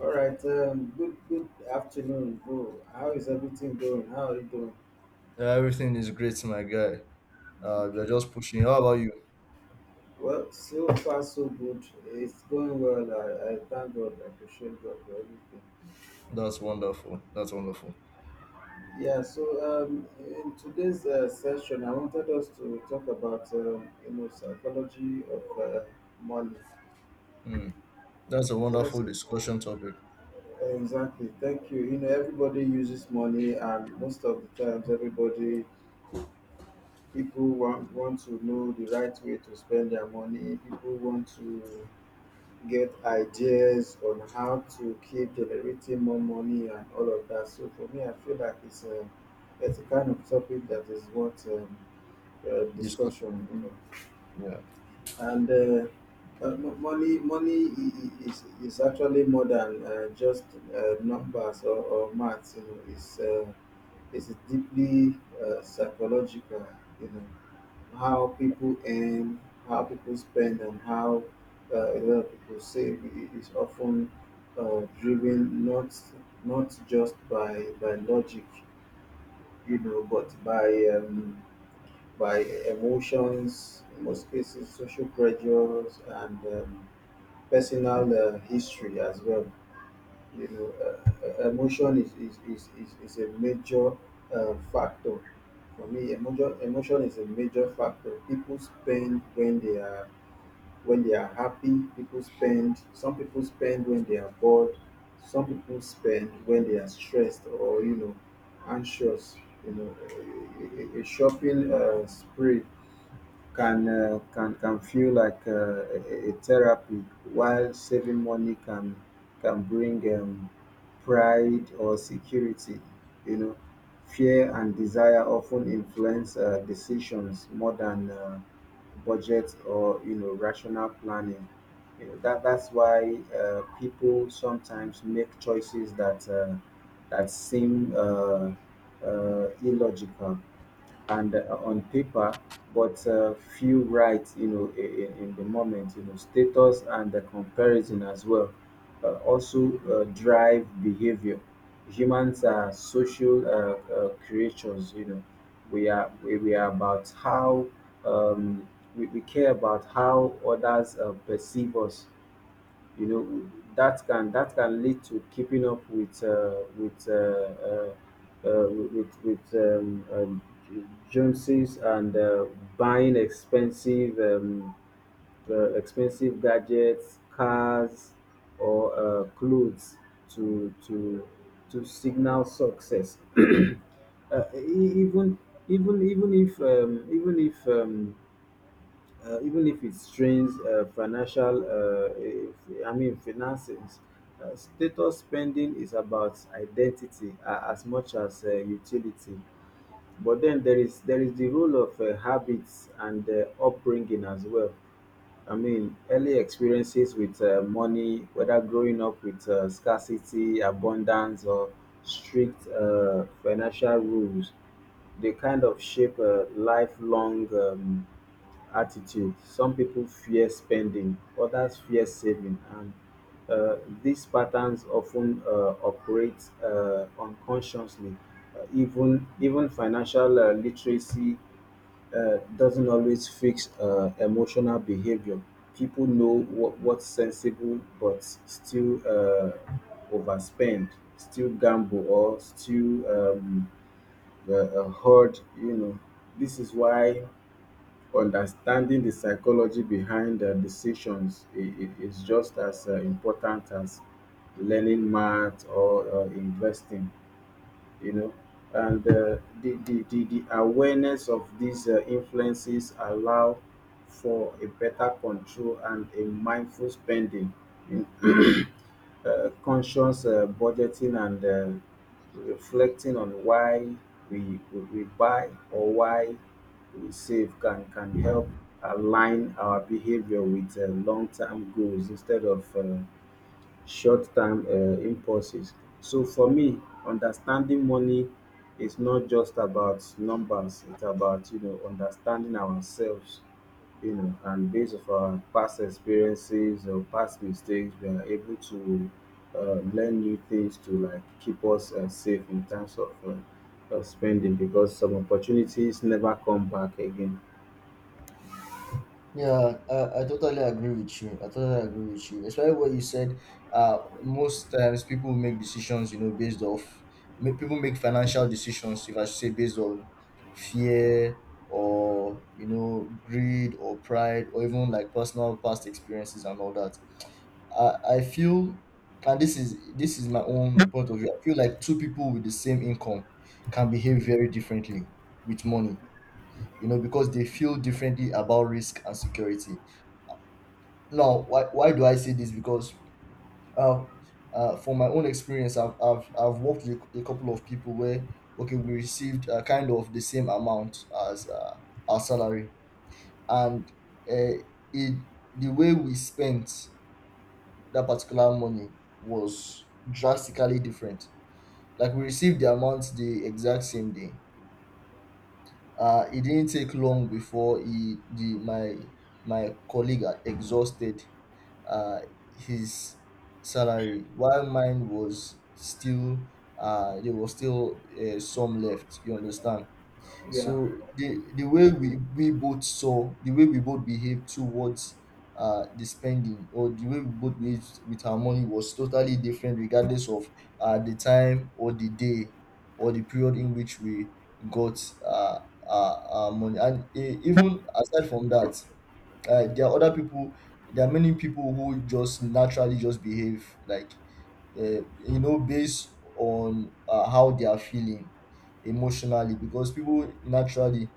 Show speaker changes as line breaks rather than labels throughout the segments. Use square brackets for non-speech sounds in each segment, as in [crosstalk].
All right. Good afternoon, bro. How is everything going? How are you doing?
Yeah, everything is great, my guy. We're
Okay.
just pushing. How about you?
Well, so far so good. It's going well. I thank God. I appreciate God for everything.
That's wonderful. That's wonderful.
Yeah. So in today's session, I wanted us to talk about psychology of money.
Hmm. That's a wonderful
Yes,
discussion topic.
exactly. Thank you. You know, everybody uses money, and most of the times, everybody people want to know the right way to spend their money. People want to get ideas on how to keep generating more money and all of that. So for me, I feel like it's a kind of topic that is worth
Discussion.
discussion.
Yeah.
And money is actually more than just numbers or maths. It's it's deeply psychological. you know how people earn, how people spend, and how a lot of people save is often driven, not just by logic, you know, but by um, by emotions, in most cases, social pressures, and personal history as well. Emotion is a major factor. For me, emotion is a major factor. People spend when they are happy. People spend. Some people spend when they are bored. Some people spend when they are stressed or, you know, anxious, you know. A shopping spree can feel like a therapy, while saving money can bring pride or security. You know, fear and desire often influence decisions more than budget or, you know, rational planning. You know, that's why people sometimes make choices that that seem illogical and on paper, but feel right, you know, in the moment. You know, status and the comparison as well also drive behavior. Humans are social creatures, you know, we are about how um, we care about how others perceive us. You know, that can lead to keeping up with Joneses, and buying expensive expensive gadgets, cars, or clothes to to to signal success. E- even even even if even if even if it strains financial, I mean, finances. Status spending is about identity as much as utility, but then there is the role of habits and upbringing as well. I mean, early experiences with money, whether growing up with scarcity, abundance, or strict financial rules, they kind of shape a lifelong attitude. Some people fear spending, others fear saving, and uh, these patterns often operate unconsciously. Even financial literacy doesn't always fix emotional behavior. People know what's sensible, but still overspend, still gamble, or still um, hoard. You know, this is why understanding the psychology behind decisions is just as important as learning math or investing, you know. And the awareness of these influences allow for a better control and a mindful spending in, conscious budgeting, and reflecting on why we buy or why we save can help align our behavior with long-term goals instead of short-term impulses. So for me, understanding money is not just about numbers. It's about, you know, understanding ourselves, you know, and based of our past experiences or past mistakes, we are able to learn new things to like keep us safe in terms of spending, because some opportunities never come back again.
Yeah, I totally agree with you. I totally agree with you, especially what you said. Most times people make decisions, based off people make financial decisions, if I should say, based on fear or, you know, greed or pride or even like personal past experiences and all that. I feel, and this is my own point of view. I feel like two people with the same income can behave very differently with money, you know, because they feel differently about risk and security. Now, why do I say this? Because uh, from my own experience, I've worked with a couple of people where, okay, we received kind of the same amount as our salary. And uh, it, the way we spent that particular money was drastically different. Like we received the amount the exact same day. It didn't take long before he, the my my colleague had exhausted uh, his salary, while mine was still there was still some left. You understand?
Yeah,
So the way we both saw, the way we both behaved towards the spending, or the way we both behaved with our money was totally different regardless of the time or the day or the period in which we got uh our money. And even aside from that, there are other people, there are many people who just naturally just behave like, you know, based on how they are feeling emotionally, because people naturally,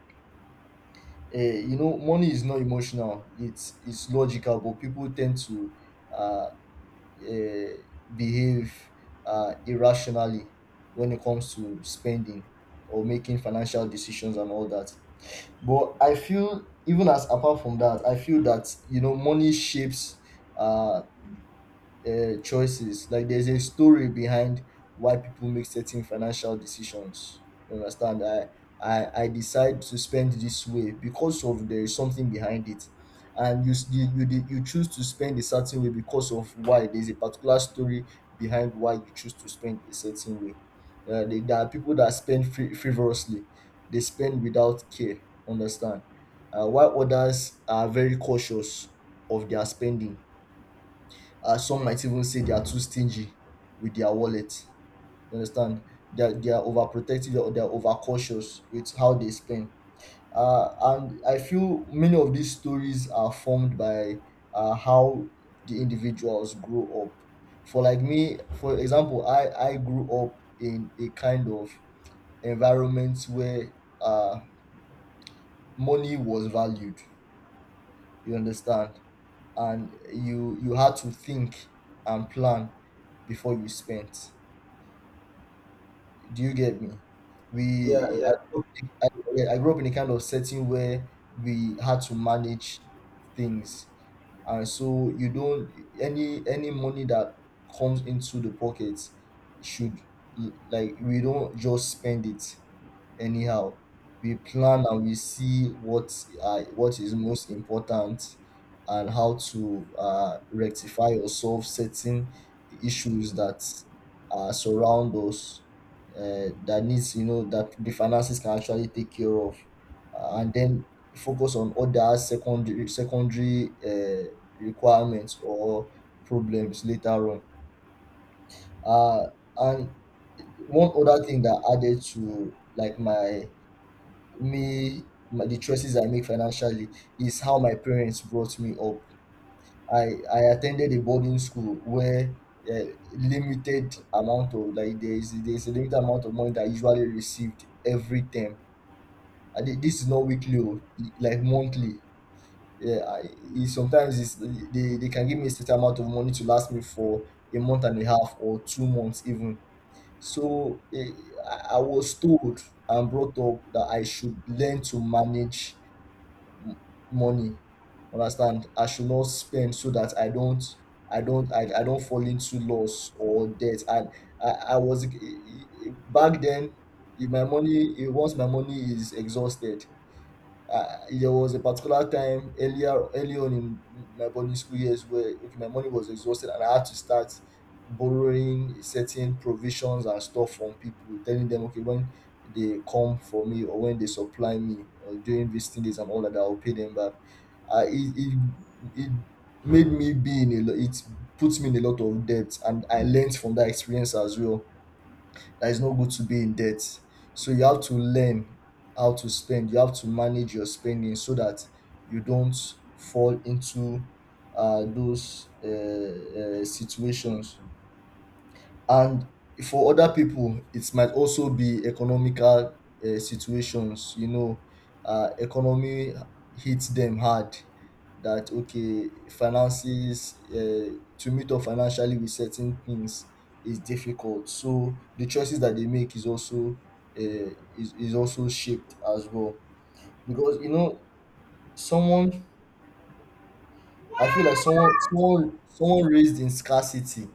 you know, money is not emotional, it's logical, but people tend to uh, uh, behave irrationally when it comes to spending or making financial decisions and all that. But I feel, even as apart from that, I feel that, you know, money shapes uh choices. Like there's a story behind why people make certain financial decisions. You understand? I decide to spend this way because of there is something behind it, and you s- you, did- you choose to spend a certain way because of why there's a particular story behind why you choose to spend a certain way. There are people that spend frivolously, they spend without care. Understand? While others are very cautious of their spending. Uh, some might even say they are too stingy with their wallet. You understand? They are overprotective, or they are overcautious with how they spend. And I feel many of these stories are formed by how the individuals grow up. For like me, for example, I grew up in a kind of environment where uh, money was valued. You understand? And you had to think and plan before you spent. Do you get me?
yeah,
We I
yeah,
grew up in yeah, I grew up in a kind of setting where we had to manage things, and so you don't, any money that comes into the pocket should, like, we don't just spend it anyhow. We plan and we see what, what is most important, and how to rectify or solve certain issues that surround us, that needs, you know, that the finances can actually take care of, and then focus on other secondary requirements or problems later on. Uh, and one other thing that added to, like, the choices I make financially is how my parents brought me up. I I attended a boarding school where, uh, limited amount of, like, there is a limited amount of money that I usually received every term. And this is not weekly, oh, like monthly. Yeah, sometimes they can give me a certain amount of money to last me for a month and a half or 2 months even. So I was told and brought up that I should learn to manage money. Understand, I should not spend, so that I don't, I don't fall into loss or debt. And i I was, back then, if my money, if once my money is exhausted, uh, there was a particular time earlier early on in my boarding school years where, okay, my money was exhausted and I had to start borrowing certain provisions and stuff from people, telling them, okay, when they come for me, or when they supply me, or during visiting days and all that, I'll pay them back. Uh, it, it it made me be in a it puts me in a lot of debt, and I learned from that experience as well that it's not good to be in debt. So you have to learn how to spend. You have to manage your spending so that you don't fall into those situations. And for other people, it might also be economical situations. You know, economy hits them hard. That, okay, finances to meet up financially with certain things is difficult. So the choices that they make is also, uh, is also shaped as well. Because, you know, someone, I feel like, someone raised in scarcity,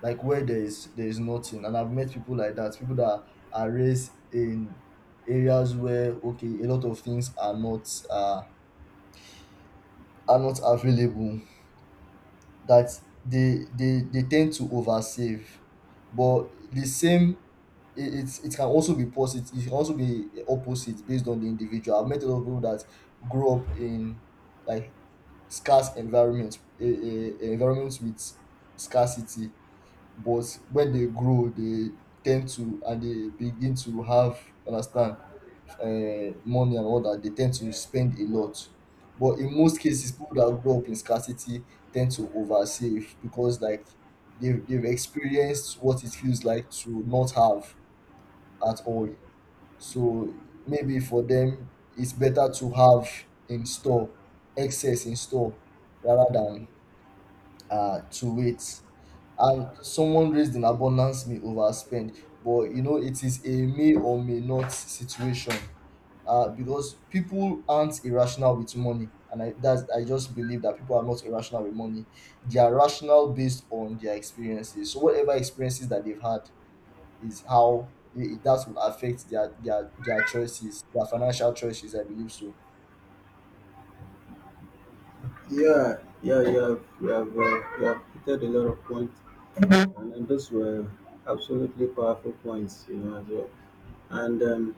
like where there is nothing, and I've met people like that, people that are raised in areas where, okay, a lot of things are not, are not available, that they tend to oversave. But the same, it's, it can also be positive, it can also be opposite based on the individual. I've met a lot of people that grew up in, like, scarce environments, environments with scarcity, but when they grow, they tend to, and they begin to have, understand, money and all that, they tend to spend a lot. But in most cases, people that grow up in scarcity tend to oversave, because, like, they've experienced what it feels like to not have at all. So maybe for them it's better to have in store, excess in store, rather than to it. And someone raised in abundance may overspend, but, you know, it is a may or may not situation. Because people aren't irrational with money, and I just believe that people are not irrational with money. They are rational based on their experiences. So whatever experiences that they've had is how that will affect their choices, their financial choices. I believe so.
yeah. You have hit a lot of points. And those were absolutely powerful points, you know, as well. And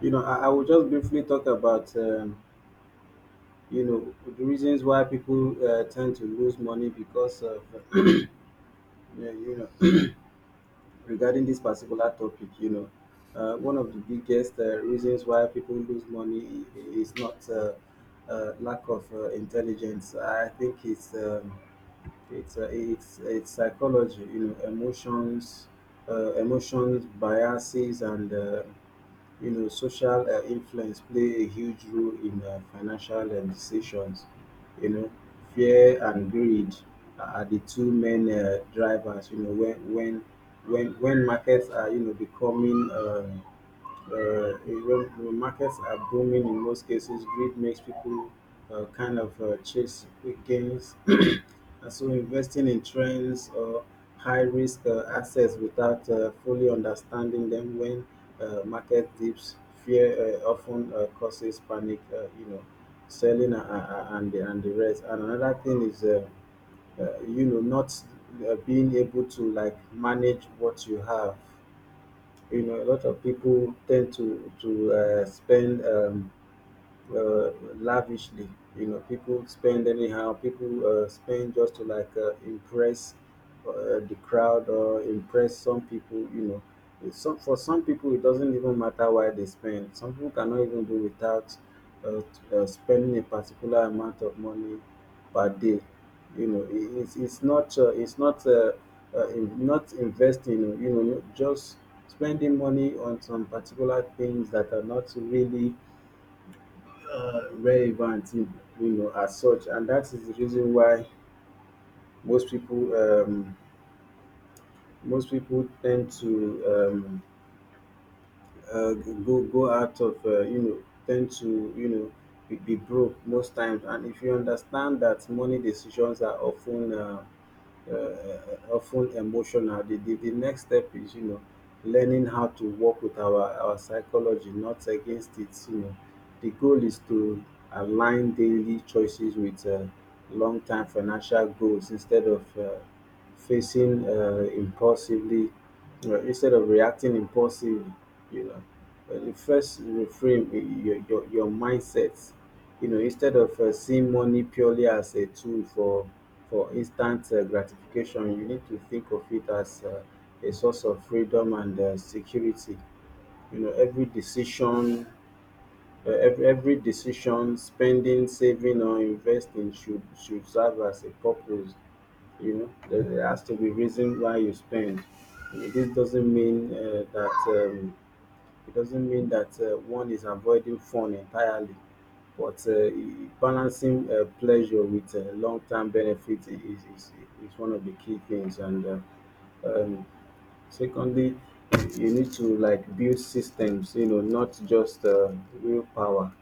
you know, I will just briefly talk about you know the reasons why people tend to lose money, because of [clears throat] yeah, you know, [clears throat] regarding this particular topic, you know, one of the biggest reasons why people lose money is not lack of intelligence. I think it's it's psychology, you know, emotions, emotions, biases, and you know, social influence play a huge role in financial decisions. You know, fear and greed are the two main drivers. You know, when markets are, you know, becoming when markets are booming, in most cases, greed makes people kind of chase quick gains, and so investing in trends or high risk assets without fully understanding them. When market dips, fear often causes panic, you know, selling, and the rest. And another thing is, you know, not being able to like manage what you have. You know, a lot of people tend to spend lavishly. You know, people spend anyhow. People spend just to like impress the crowd or impress some people. You know, it's, some for some people it doesn't even matter why they spend. Some people cannot even do without spending a particular amount of money per day. You know, it's not in, not investing. You know, just spending money on some particular things that are not really relevant, you know, as such, and that is the reason why most people tend to go out of, you know, tend to, you know, be broke most times. And if you understand that money decisions are often emotional, the next step is, you know, learning how to work with our psychology, not against it. You know, the goal is to align daily choices with long term financial goals instead of facing uh, impulsively, instead of reacting impulsively, you know. The first reframe, your mindset, you know, instead of seeing money purely as a tool for instant gratification, you need to think of it as a source of freedom and security. You know, every decision, every decision, spending, saving, or investing should serve as a purpose. You know, there has to be reason why you spend. You know, this doesn't mean that it doesn't mean that one is avoiding fun entirely, but balancing pleasure with long-term benefit is, is one of the key things. And um, secondly, you need to like build systems, you know, not just willpower.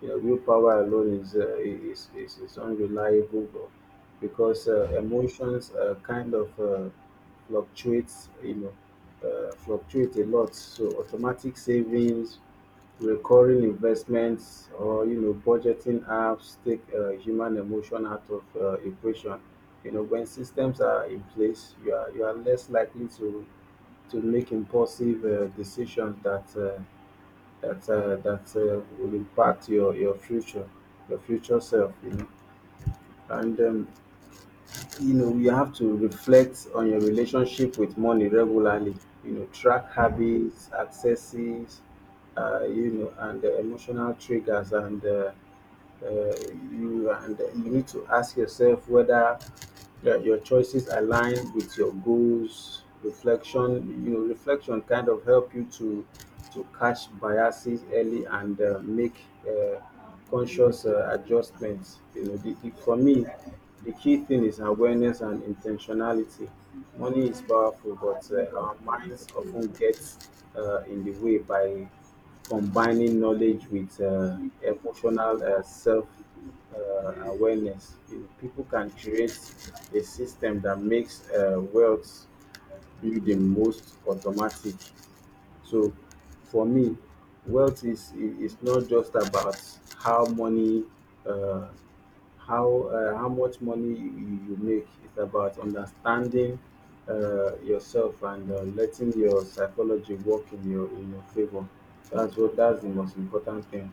You know, willpower alone is unreliable, but because emotions kind of fluctuates, you know, fluctuate a lot. So automatic savings, recurring investments, or, you know, budgeting apps take human emotion out of equation. You know, when systems are in place, you are less likely to make impulsive decisions that will impact your future, your future self, you know. And you know, you have to reflect on your relationship with money regularly. You know, track habits, accesses, you know, and emotional triggers, and uh, you, and you need to ask yourself whether your choices align with your goals. Reflection, you know, reflection kind of help you to catch biases early and make uh, conscious adjustments, you know. For me, the key thing is awareness and intentionality. Money is powerful, but our minds often get in the way by combining knowledge with emotional self awareness. You know, people can create a system that makes wealth building most automatic. So for me, wealth is not just about how money, uh, how much money you make. It's about understanding yourself and letting your psychology work in your favor. That's what that's the most important thing.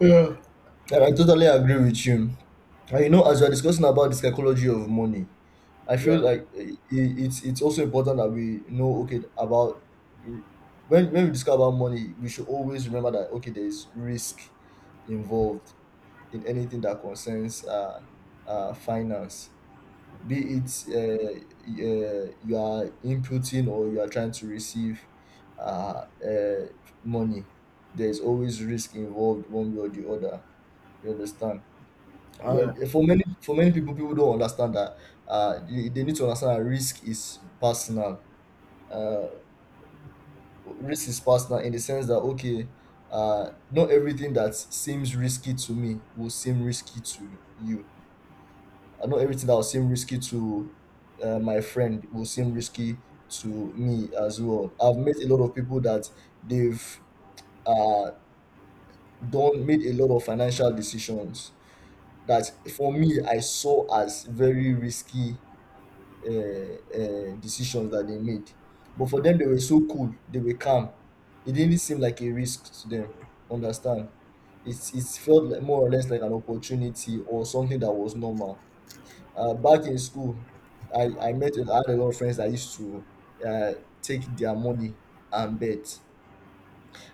Yeah, and I totally agree with you. And, you know, as we're discussing about the psychology of money, I feel
Yeah,
like, it's also important that we know, okay, about when we discuss about money, we should always remember that, okay, there is risk involved in anything that concerns, finance, be it you are inputting or you are trying to receive, uh, uh money. There is always risk involved one way or the other. You understand?
yeah,
And for many, for many people, people don't understand that, they need to understand that risk is personal. Uh, risk is personal in the sense that, okay, not everything that seems risky to me will seem risky to you. Not everything that will seem risky to my friend will seem risky to me as well. I've met a lot of people that they've uh, done made a lot of financial decisions that, for me, I saw as very risky decisions that they made. But for them, they were so cool. They were calm. It didn't seem like a risk to them. Understand? It's, it felt like more or less like an opportunity or something that was normal. Back in school, I had a lot of friends that used to uh, take their money and bet.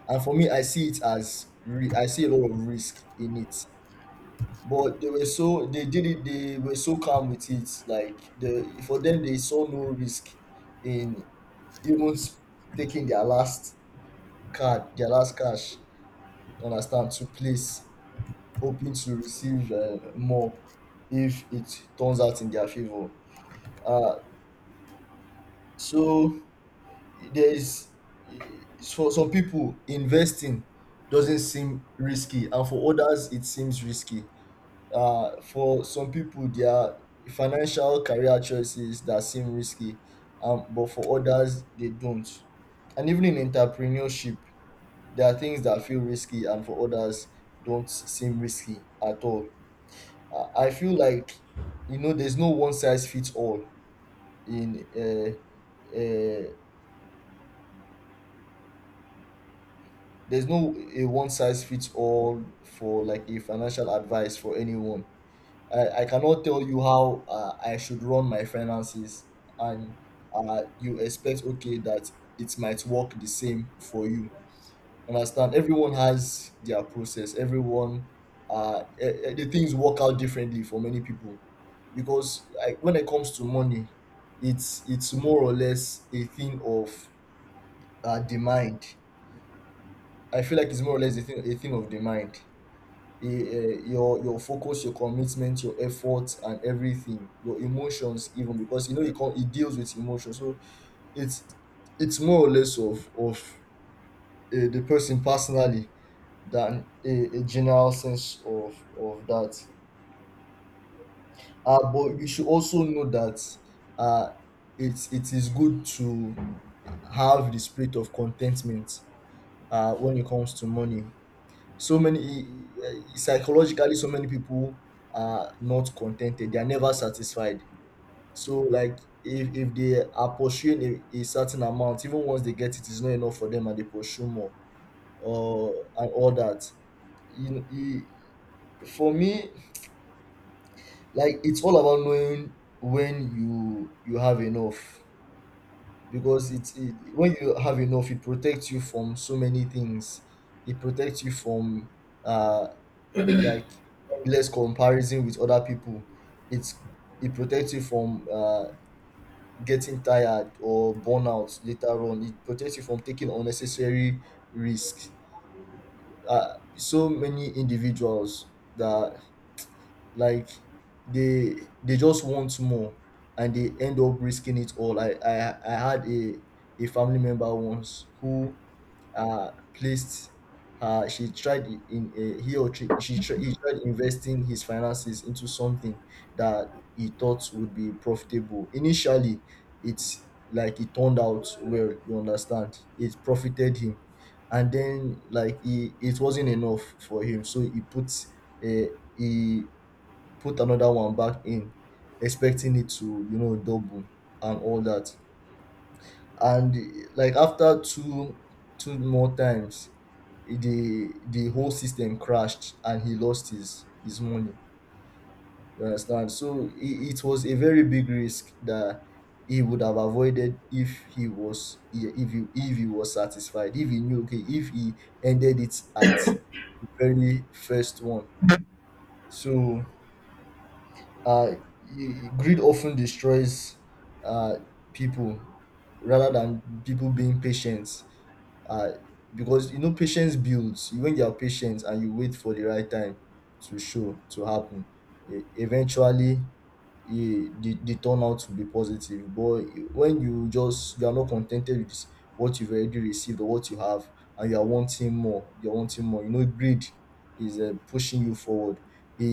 And for me, I see it as I see a lot of risk in it. But they were so, they did it. They were so calm with it. Like, the for them, they saw no risk in even taking their last card, their last cash. You understand, to place, hoping to receive more if it turns out in their favor. Uh, so there is, for some people, investing doesn't seem risky, and for others it seems risky. Uh, for some people, there are financial career choices that seem risky, but for others, they don't. And even in entrepreneurship, there are things that feel risky, and for others, don't seem risky at all. I feel like, you know, there's no one size fits all in. Uh, there's no a one size fits all for like a financial advice for anyone. I cannot tell you how I should run my finances, and you expect okay that it might work the same for you. Understand? Everyone has their process. Everyone, the things work out differently for many people, because I, when it comes to money, it's more or less a thing of the mind. I feel like it's more or less a thing of the mind, your focus, your commitment, your effort, and everything, your emotions, even because you know it can, it deals with emotions. So it's it's more or less of the personally than a general sense of that. But we should also know that, uh, it's it is good to have the spirit of contentment when it comes to money. So many, psychologically, so many people are not contented, they are never satisfied. So like, if they are pursuing a certain amount, even once they get it, it's not enough for them, and they pursue more or and all that, you know. For me, like, it's all about knowing when you have enough, because when you have enough, it protects you from so many things. It protects you from, uh like, endless comparison with other people. It's, it protects you from, getting tired or burnout later on. It protects you from taking unnecessary risks. Uh, so many individuals that, like, they they just want more and they end up risking it all. I had a family member once who placed, she tried I- in a he or tri- she tried, he tried investing his finances into something that he thought would be profitable initially. It's like it turned out well, you understand, it profited him, and then, like, he, it wasn't enough for him, so he put, uh, he put another one back in, expecting it to, you know, double and all that. And like, after two more times, the whole system crashed and he lost his money. You understand? So it was a very big risk that he would have avoided if he was, if he was satisfied, if he knew okay, if he ended it at the very first one. So, Uh, greed often destroys, uh, people, rather than people being patient, uh, because you know patience builds. When you are patient and you wait for the right time to show, to happen, eventually, the turnout to be positive. But when you just, you are not contented with this, what you've already received or what you have, and you are wanting more, you're wanting more, you know, greed is, pushing you forward. it,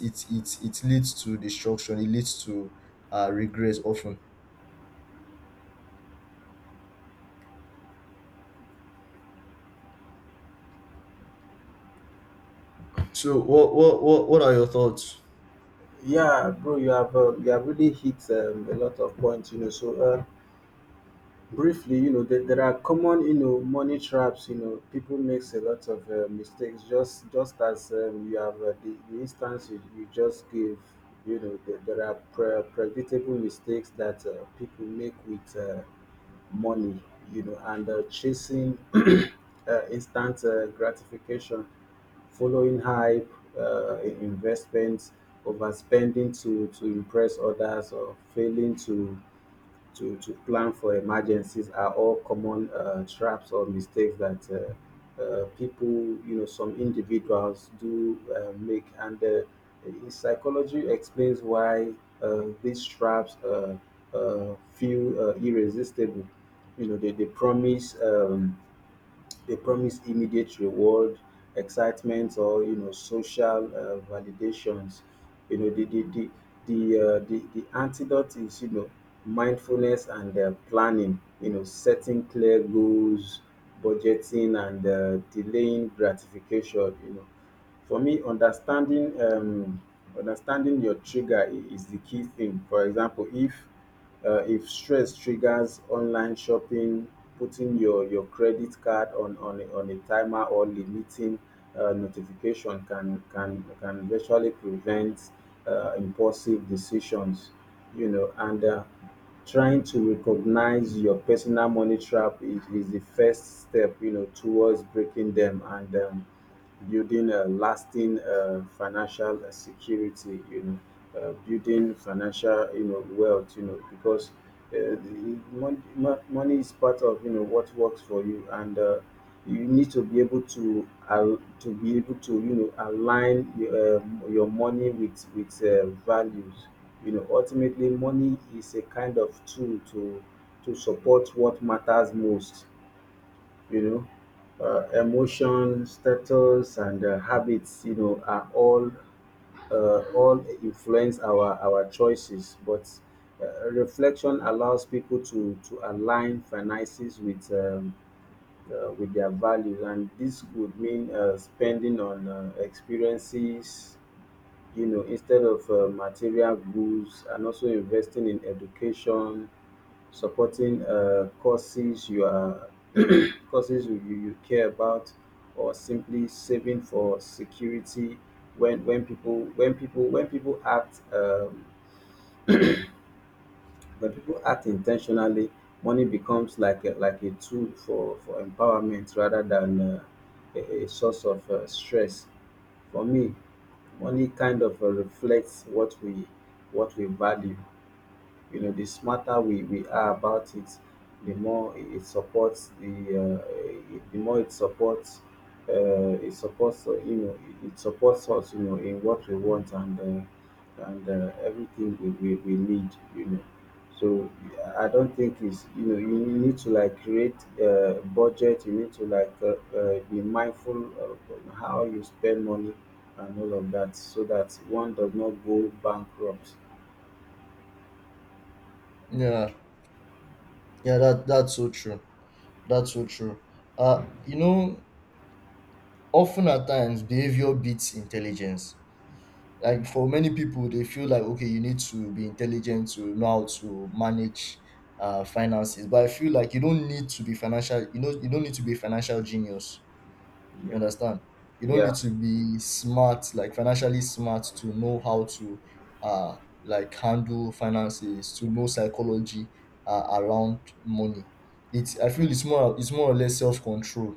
it it it it leads to destruction, it leads to, regress often. So what are your thoughts?
yeah, bro. You have You have really hit a lot of points. You know, so. Briefly, you know, there are common, you know, money traps. You know, people makes a lot of mistakes. Just as you have the instance you just gave. You know, there are predictable mistakes that people make with money. You know, and chasing [clears throat] instant gratification, following hype, investments, overspending to impress others, or failing to plan for emergencies, are all common traps or mistakes that people, you know, some individuals do make. And psychology explains why these traps feel irresistible. You know, they promise. They promise immediate reward, excitement, or, you know, social validations. You know, the the antidote is, you know, mindfulness and planning. You know, setting clear goals, budgeting, and delaying gratification. You know, for me, understanding your trigger is the key thing. For example, if stress triggers online shopping, putting your credit card on, on a timer, or limiting notification can virtually prevent impulsive decisions, you know. And trying to recognize your personal money trap is the first step, you know, towards breaking them. And building a lasting financial security, you know. Building financial, you know, wealth, you know. Because the money is part of, you know, what works for you. And you need to be able to, you know, align your money with values, you know. Ultimately, money is a kind of tool to support what matters most. You know, emotion, status, and habits, you know, are all influence our choices, but reflection allows people to align finances with their values, and this could mean spending on experiences, you know, instead of material goods, and also investing in education, supporting courses you are [coughs] [clears throat] courses you care about, or simply saving for security. When people when people when people act intentionally, money becomes like a tool for empowerment rather than a source of stress. For me, money kind of reflects what we value. You know, the smarter we are about it, the more it supports the it- the more it supports, you know, it supports us, you know, in what we want and everything we need, you know. So I don't think it's, you know, you need to like create a budget. You need to like be mindful of how you spend money and all of that, so that one does not go bankrupt.
Yeah. Yeah, that's so true. That's so true. You know, often at times behavior beats intelligence. Like, for many people, they feel like okay, you need to be intelligent to know how to manage finances. But I feel like you don't need to be financial. You know, you don't need to be a financial genius, you
Yeah.
understand? You don't
Yeah.
need to be smart, like financially smart, to know how to, uh, like, handle finances, to know psychology around money. It's I feel it's more or less self control.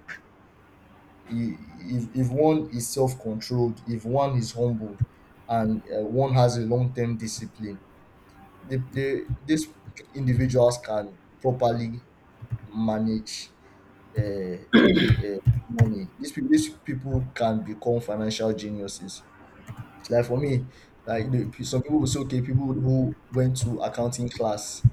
If one is self controlled, if one is humble, and one has a long term discipline, these individuals can properly manage, uh, uh, money. These people can become financial geniuses. Like, for me, like some people will say, okay, people who went to accounting class,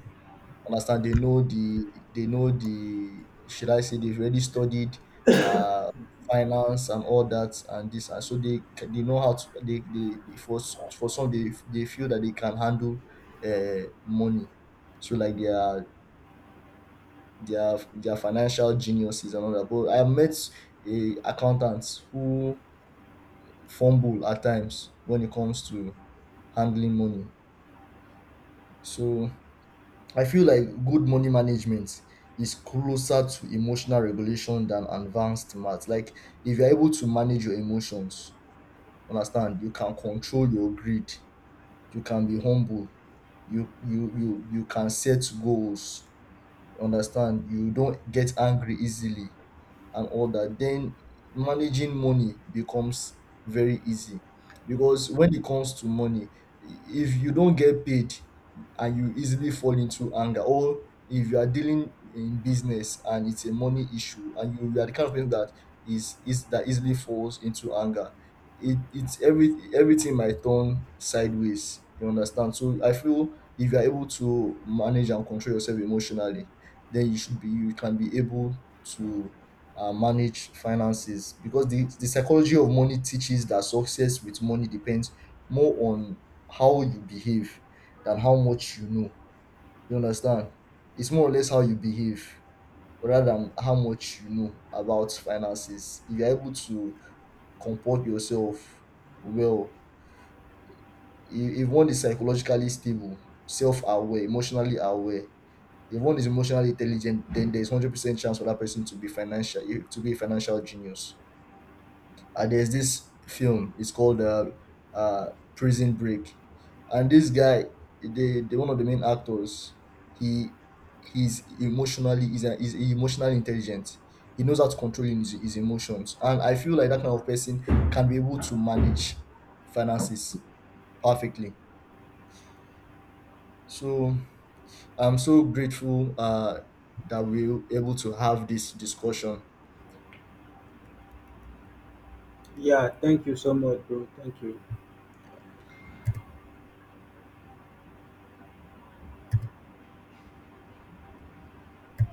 understand, they know the, should I say they've already studied uh finance and all that, and this, and so they know how to, they, for for some, they feel that they can handle money. So, like, they are, they are financial geniuses and all that. But I have met a accountants who fumble at times when it comes to handling money. So I feel like good money management is closer to emotional regulation than advanced math. Like, if you're able to manage your emotions, understand, you can control your greed, you can be humble, you can set goals, understand, you don't get angry easily, and all that, then managing money becomes very easy. Because when it comes to money, if you don't get paid and you easily fall into anger, or if you are dealing in business and it's a money issue, and you are the kind of person that is that easily falls into anger, it's everything might turn sideways. You understand? So I feel if you are able to manage and control yourself emotionally, then you can be able to, manage finances, because the psychology of money teaches that success with money depends more on how you behave than how much you know. You understand? It's more or less how you behave rather than how much you know about finances. If you're able to comport yourself well, if one is psychologically stable, self aware, emotionally aware, if one is emotionally intelligent, then there's 100% chance for that person to be financial, to be a financial genius. There's this film. It's called, uh, Prison Break, and this guy, the one of the main actors, he he's emotionally is an is emotionally intelligent. He knows how to control his emotions, and I feel like that kind of person can be able to manage finances perfectly. So I'm so grateful, that we're able to have this discussion.
Yeah, thank you so much, bro. Thank you.